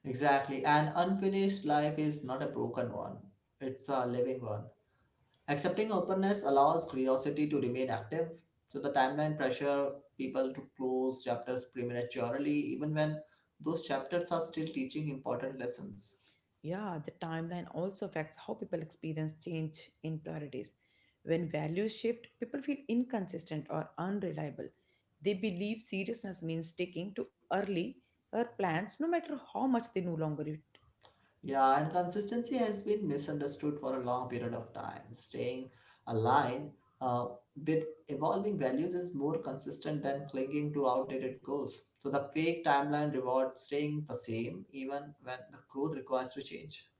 Exactly. An unfinished life is not a broken one. It's a living one. Accepting openness allows curiosity to remain active, so the timeline pressure people to close chapters prematurely, even when those chapters are still teaching important lessons. Yeah, the timeline also affects how people experience change in priorities. When values shift, people feel inconsistent or unreliable. They believe seriousness means sticking to early or plans no matter how much they no longer it. Yeah, and consistency has been misunderstood for a long period of time. Staying aligned uh, with evolving values is more consistent than clinging to outdated goals. So the fake timeline rewards staying the same even when the growth requires to change.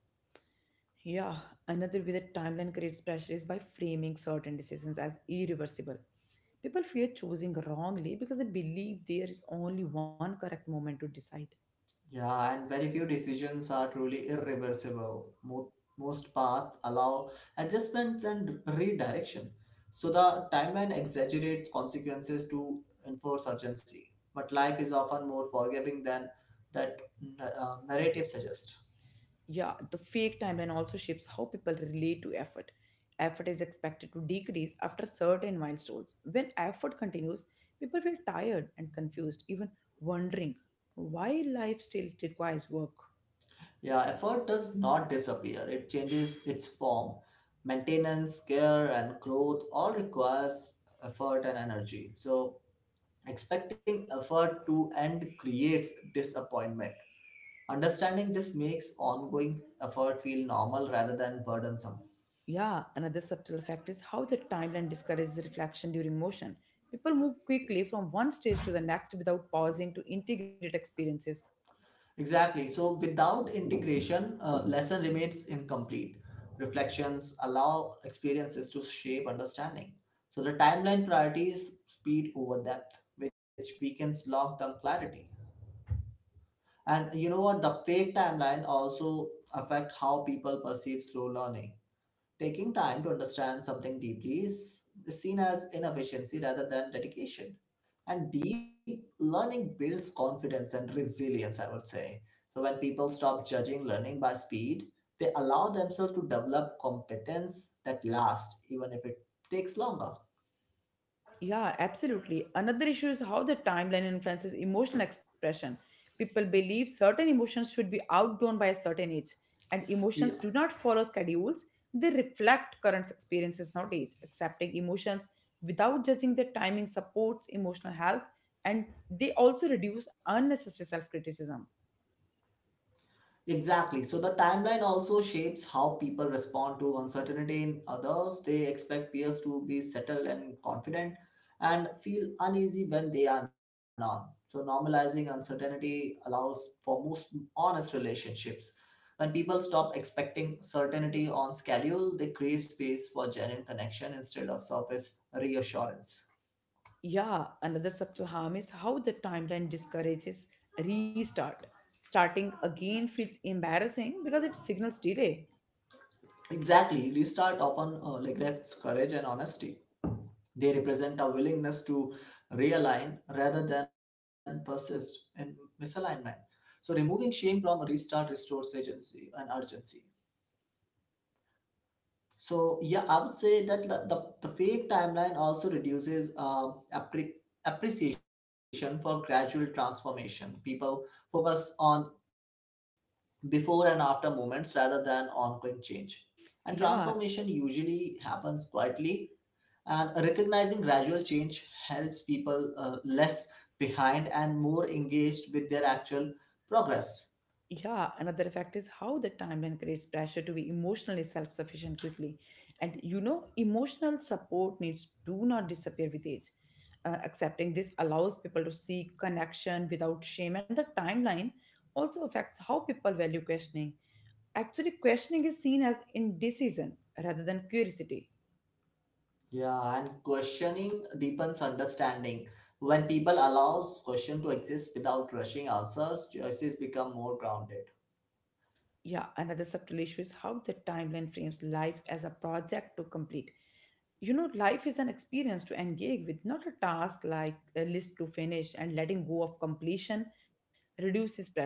Yeah, another way that timeline creates pressure is by framing certain decisions as irreversible. People fear choosing wrongly because they believe there is only one correct moment to decide. Yeah, and very few decisions are truly irreversible. Most paths allow adjustments and redirection. So the timeline exaggerates consequences to enforce urgency. But life is often more forgiving than that narrative suggests. Yeah, the fake timeline also shapes how people relate to effort. Effort is expected to decrease after certain milestones. When effort continues, people feel tired and confused, even wondering why life still requires work. Yeah, effort does not disappear, it changes its form. Maintenance, care, and growth all requires effort and energy. So expecting effort to end creates disappointment. Understanding this makes ongoing effort feel normal rather than burdensome. Yeah, another subtle effect is how the timeline discourages reflection during motion. People move quickly from one stage to the next without pausing to integrate experiences. Exactly. So, without integration, lesson remains incomplete. Reflections allow experiences to shape understanding. So, the timeline priorities speed over depth, which weakens long term clarity. And you know what? The fake timeline also affect how people perceive slow learning. Taking time to understand something deeply is seen as inefficiency rather than dedication. And deep learning builds confidence and resilience, I would say. So when people stop judging learning by speed, they allow themselves to develop competence that lasts, even if it takes longer. Yeah, absolutely. Another issue is how the timeline influences emotional expression. People believe certain emotions should be outgrown by a certain age, and emotions do not follow schedules. They reflect current experiences, not age. Accepting emotions without judging their timing supports emotional health, and they also reduce unnecessary self criticism. Exactly. So the timeline also shapes how people respond to uncertainty in others. They expect peers to be settled and confident and feel uneasy when they are not. So normalizing uncertainty allows for most honest relationships. When people stop expecting certainty on schedule, they create space for genuine connection instead of surface reassurance. Yeah, another subtle harm is how the timeline discourages restart. Starting again feels embarrassing because it signals delay. Exactly. Restart often neglects courage and honesty. They represent a willingness to realign rather than persist in misalignment. So, removing shame from restart restores agency and urgency. So, yeah, I would say that the fake timeline also reduces appreciation for gradual transformation. People focus on before and after moments rather than ongoing change. And Yeah, transformation usually happens quietly. And recognizing gradual change helps people less behind and more engaged with their actual progress. yeah, another effect is how the timeline creates pressure to be emotionally self sufficient quickly. Emotional support needs do not disappear with age. Accepting this allows people to seek connection without shame, and the timeline also affects how people value questioning. Actually, questioning is seen as indecision rather than curiosity. Yeah, and questioning deepens understanding. When people allows question to exist without rushing answers, choices become more grounded. Yeah, another subtle issue is how the timeline frames life as a project to complete. You know, life is an experience to engage with, not a task like a list to finish, and letting go of completion reduces pressure.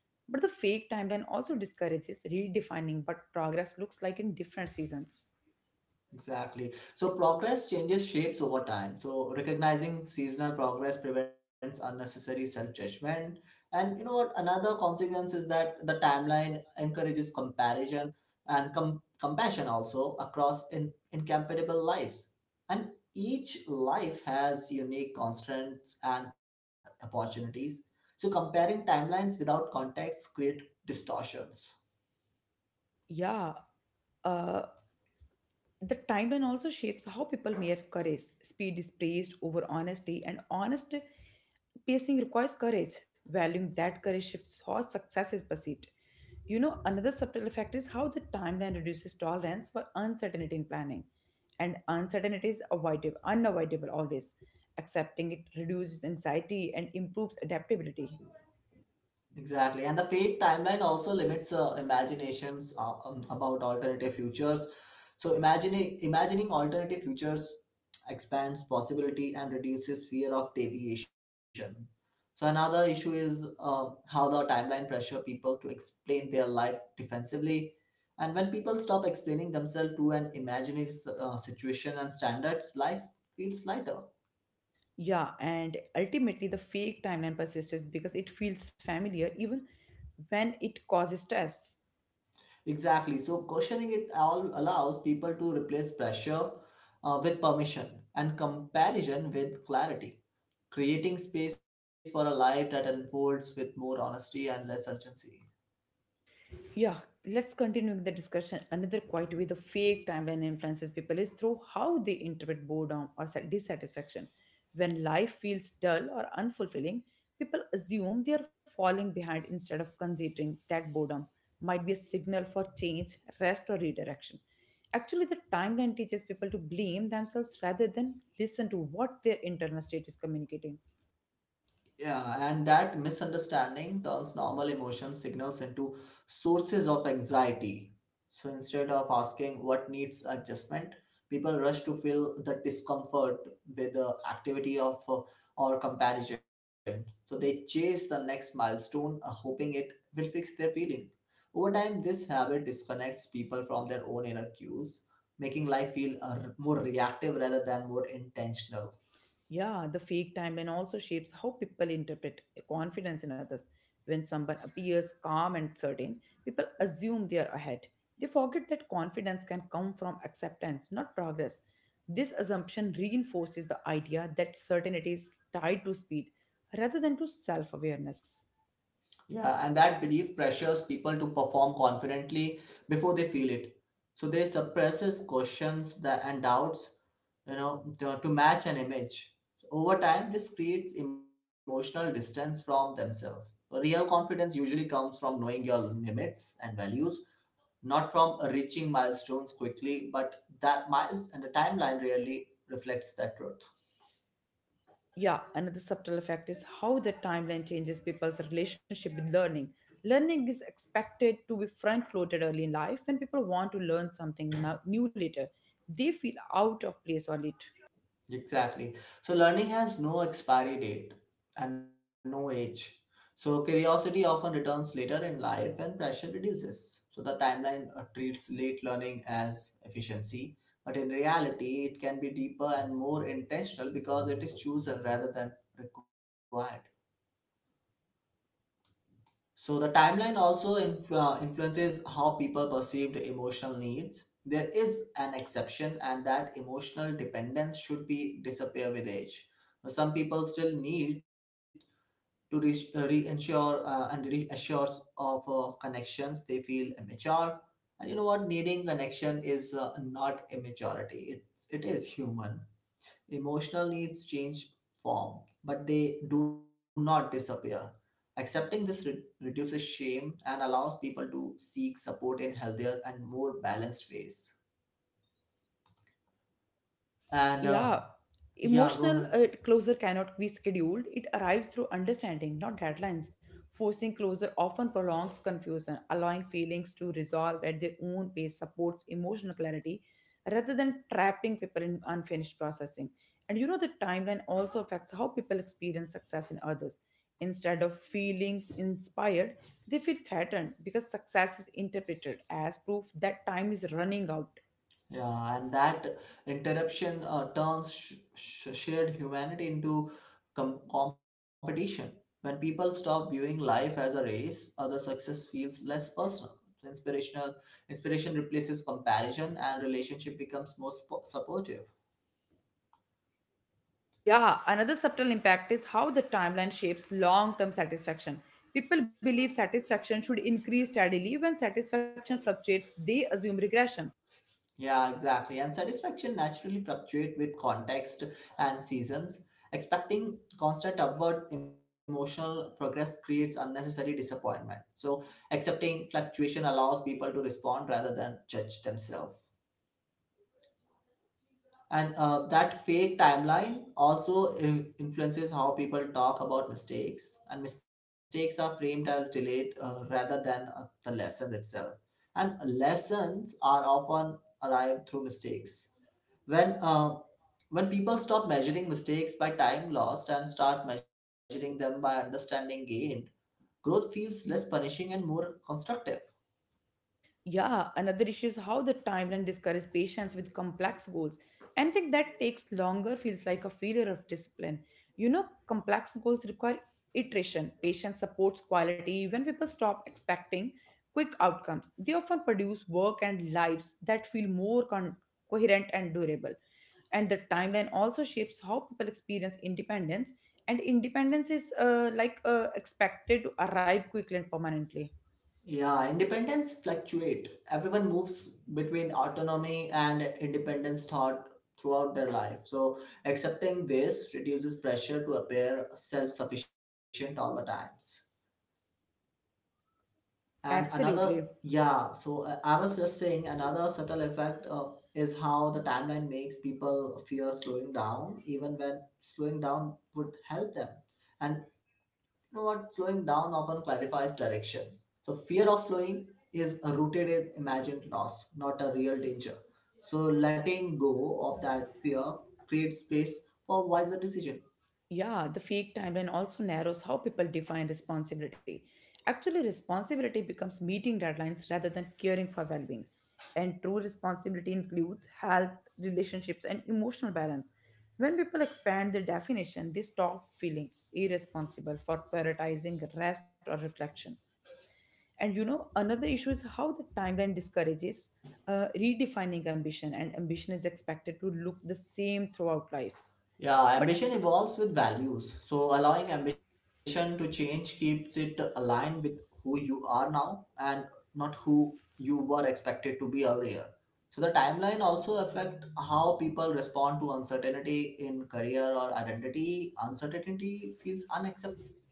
But the fake timeline also discourages redefining what progress looks like in different seasons. Exactly. So progress changes shapes over time. So recognizing seasonal progress prevents unnecessary self-judgment. And you know what? Another consequence is that the timeline encourages comparison and compassion also across incompatible lives. And each life has unique constraints and opportunities. So comparing timelines without context create distortions. Yeah, uh, the timeline also shapes how people measure courage. Speed is praised over honesty, and honest pacing requires courage. Valuing that courage shifts how success is perceived. You know, another subtle effect is how the timeline reduces tolerance for uncertainty in planning. And uncertainty is avoidable, unavoidable always. Accepting it reduces anxiety and improves adaptability. Exactly, and the fake timeline also limits imaginations about alternative futures. So, imagining alternative futures expands possibility and reduces fear of deviation. So, another issue is how the timeline pressure people to explain their life defensively, and when people stop explaining themselves to an imaginary situation and standards, life feels lighter. Yeah, and ultimately, the fake timeline persists because it feels familiar even when it causes stress. Exactly. So questioning it all allows people to replace pressure with permission and comparison with clarity, creating space for a life that unfolds with more honesty and less urgency. Yeah, let's continue with the discussion. Another quiet way the fake timeline influences people is through how they interpret boredom or dissatisfaction. When life feels dull or unfulfilling, people assume they are falling behind instead of considering that boredom might be a signal for change, rest, or redirection. Actually, the timeline teaches people to blame themselves rather than listen to what their internal state is communicating. Yeah, and that misunderstanding turns normal emotion signals into sources of anxiety. So instead of asking what needs adjustment, people rush to fill the discomfort with the activity of or comparison. So they chase the next milestone, hoping it will fix their feeling. Over time, this habit disconnects people from their own inner cues, making life feel more reactive rather than more intentional. Yeah, the fake timeline also shapes how people interpret confidence in others. When someone appears calm and certain, people assume they are ahead. They forget that confidence can come from acceptance, not progress. This assumption reinforces the idea that certainty is tied to speed rather than to self awareness. Yeah, and that belief pressures people to perform confidently before they feel it. So they suppresses questions that and doubts, to match an image. So over time, this creates emotional distance from themselves. Real confidence usually comes from knowing your limits and values, not from reaching milestones quickly. But that miles and the timeline really reflects that truth. Yeah, another subtle effect is how the timeline changes people's relationship with learning. Learning is expected to be front loaded early in life when people want to learn something new later. They feel out of place on it. Exactly. So learning has no expiry date and no age. So curiosity often returns later in life when pressure reduces. So the timeline treats late learning as efficiency, but in reality, it can be deeper and more intentional because it is chosen rather than required. So the timeline also influences how people perceived emotional needs. There is an exception, and that emotional dependence should be disappear with age. Some people still need to reinsure and reassure of connections. They feel immature, and you know what? Needing connection is not immaturity. It is human. Emotional needs change form, but they do not disappear. Accepting this reduces shame and allows people to seek support in healthier and more balanced ways. And Yeah, Yeah, go emotional ahead. closure cannot be scheduled. It arrives through understanding, not deadlines. Forcing closure often prolongs confusion, allowing feelings to resolve at their own pace supports emotional clarity rather than trapping people in unfinished processing. The timeline also affects how people experience success in others. Instead of feeling inspired, they feel threatened because success is interpreted as proof that time is running out. Yeah, and that interruption turns shared humanity into competition. When people stop viewing life as a race, other success feels less personal. So inspiration replaces comparison, and relationship becomes more supportive. Yeah, another subtle impact is how the timeline shapes long term satisfaction. People believe satisfaction should increase steadily. When satisfaction fluctuates, they assume regression. Yeah, exactly. And satisfaction naturally fluctuate with context and seasons. Expecting constant upward emotional progress creates unnecessary disappointment. So, accepting fluctuation allows people to respond rather than judge themselves. And that fake timeline also influences how people talk about mistakes, and mistakes are framed as delayed rather than the lesson itself. And lessons are often arrived through mistakes. When uh, when people stop measuring mistakes by time lost and start measuring them by understanding gained, growth feels less punishing and more constructive. Yeah, another issue is how the timeline discourages patients with complex goals. Anything that takes longer feels like a failure of discipline. You know, complex goals require iteration. Patience supports quality. When people stop expecting quick outcomes, they often produce work and lives that feel more coherent and durable. And the timeline also shapes how people experience independence, and independence is expected to arrive quickly and permanently. Yeah, independence fluctuate. Everyone moves between autonomy and independence thought throughout their life. So accepting this reduces pressure to appear self-sufficient all the times. And another, Absolutely. yeah, so I was just saying another subtle effect is how the timeline makes people fear slowing down even when slowing down would help them. And you know what? Slowing down often clarifies direction. So fear of slowing is rooted in imagined loss, not a real danger. So letting go of that fear creates space for wiser decision. Yeah, the fake timeline also narrows how people define responsibility. Actually, responsibility becomes meeting deadlines rather than caring for well-being, and true responsibility includes health, relationships and emotional balance. When people expand their definition, they stop feeling irresponsible for prioritizing rest or reflection. Another issue is how the timeline discourages redefining ambition, and ambition is expected to look the same throughout life. Yeah, But ambition evolves with values. So allowing ambition to change keeps it aligned with who you are now and not who you were expected to be earlier. So the timeline also affect how people respond to uncertainty in career or identity. Uncertainty feels unacceptable.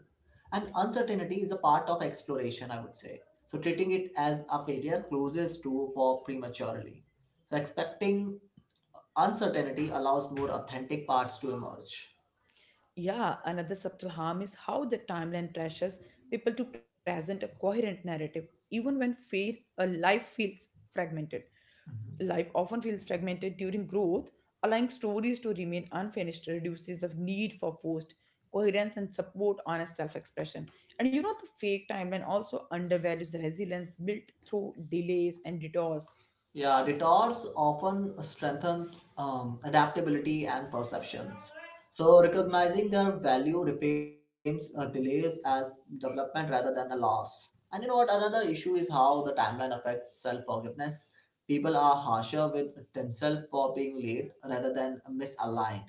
And uncertainty is a part of exploration, I would say. So treating it as a failure closes to for prematurely. So expecting uncertainty allows more authentic parts to emerge. yeah, another subtle harm is how the timeline pressures people to present a coherent narrative, even when fail, a life feels fragmented. Life often feels fragmented during growth, allowing stories to remain unfinished reduces the need for forced coherence and support on a self-expression. The fake timeline also undervalues the resilience built through delays and detours. Yeah, detours often strengthen adaptability and perceptions. So, recognizing their value reframes delays as development rather than a loss. And you know what? Another issue is how the timeline affects self forgiveness. People are harsher with themselves for being late rather than misaligned.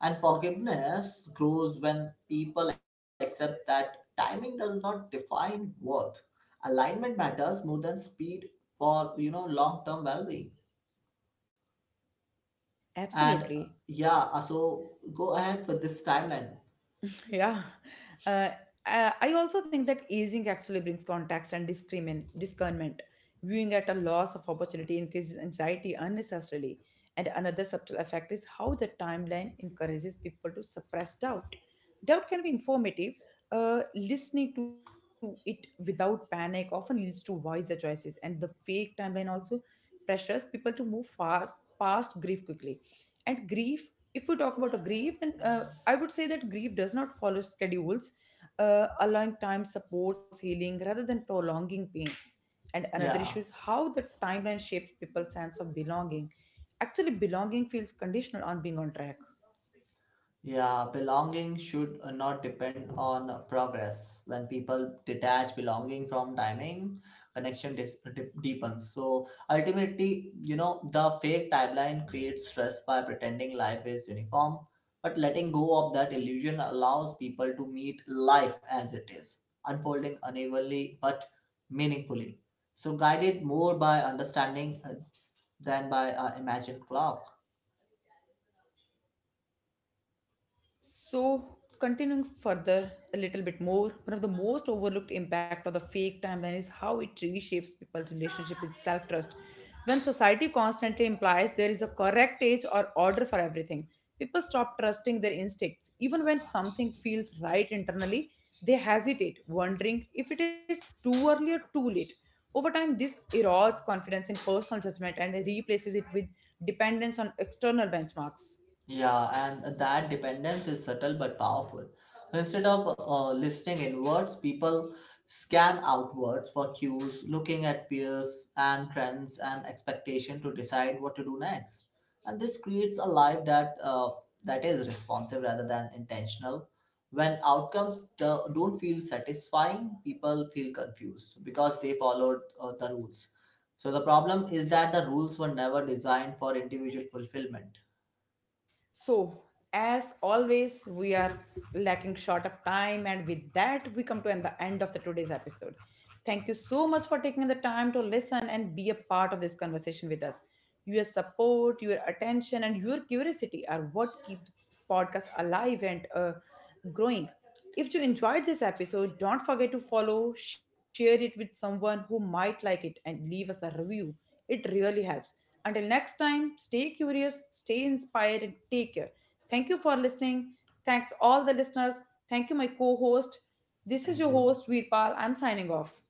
And forgiveness grows when people accept that timing does not define worth. Alignment matters more than speed for, you know, long term well being. And Absolutely. Yeah, so go ahead with this timeline. Yeah. Uh, I also think that aging actually brings context and discernment. Viewing at a loss of opportunity increases anxiety unnecessarily. And another subtle effect is how the timeline encourages people to suppress doubt. Doubt can be informative. Listening to it without panic often leads to wiser choices. And the fake timeline also pressures people to move fast past grief quickly. And grief, if we talk about a grief, then I would say that grief does not follow schedules, allowing time supports healing rather than prolonging pain. And another issue Yeah. is how the timeline shapes people's sense of belonging. Actually, belonging feels conditional on being on track. Yeah, belonging should not depend on progress. When people detach belonging from timing, connection deepens. So ultimately, you know, the fake timeline creates stress by pretending life is uniform. But letting go of that illusion allows people to meet life as it is, unfolding unevenly but meaningfully. So guided more by understanding than by imagined clock. So, continuing further a little bit more, one of the most overlooked impact of the fake timeline is how it reshapes people's relationship with self-trust. When society constantly implies there is a correct age or order for everything, people stop trusting their instincts. Even when something feels right internally, they hesitate, wondering if it is too early or too late. Over time, this erodes confidence in personal judgment and replaces it with dependence on external benchmarks. Yeah, and that dependence is subtle but powerful. Instead of listening inwards, people scan outwards for cues, looking at peers and trends and expectation to decide what to do next. And this creates a life that is responsive rather than intentional. When outcomes don't feel satisfying, people feel confused because they followed the rules. So the problem is that the rules were never designed for individual fulfillment. So, as always, we are lacking short of time, and with that, we come to the end of the today's episode. Thank you so much for taking the time to listen and be a part of this conversation with us. Your support, your attention, and your curiosity are what keep this podcast alive and growing. If you enjoyed this episode, don't forget to follow, share it with someone who might like it, and leave us a review. It really helps. Until next time, stay curious, stay inspired, and take care. Thank you for listening. Thanks, all the listeners. Thank you, my co host. This is Thank your you. host, Veerpal. I'm signing off.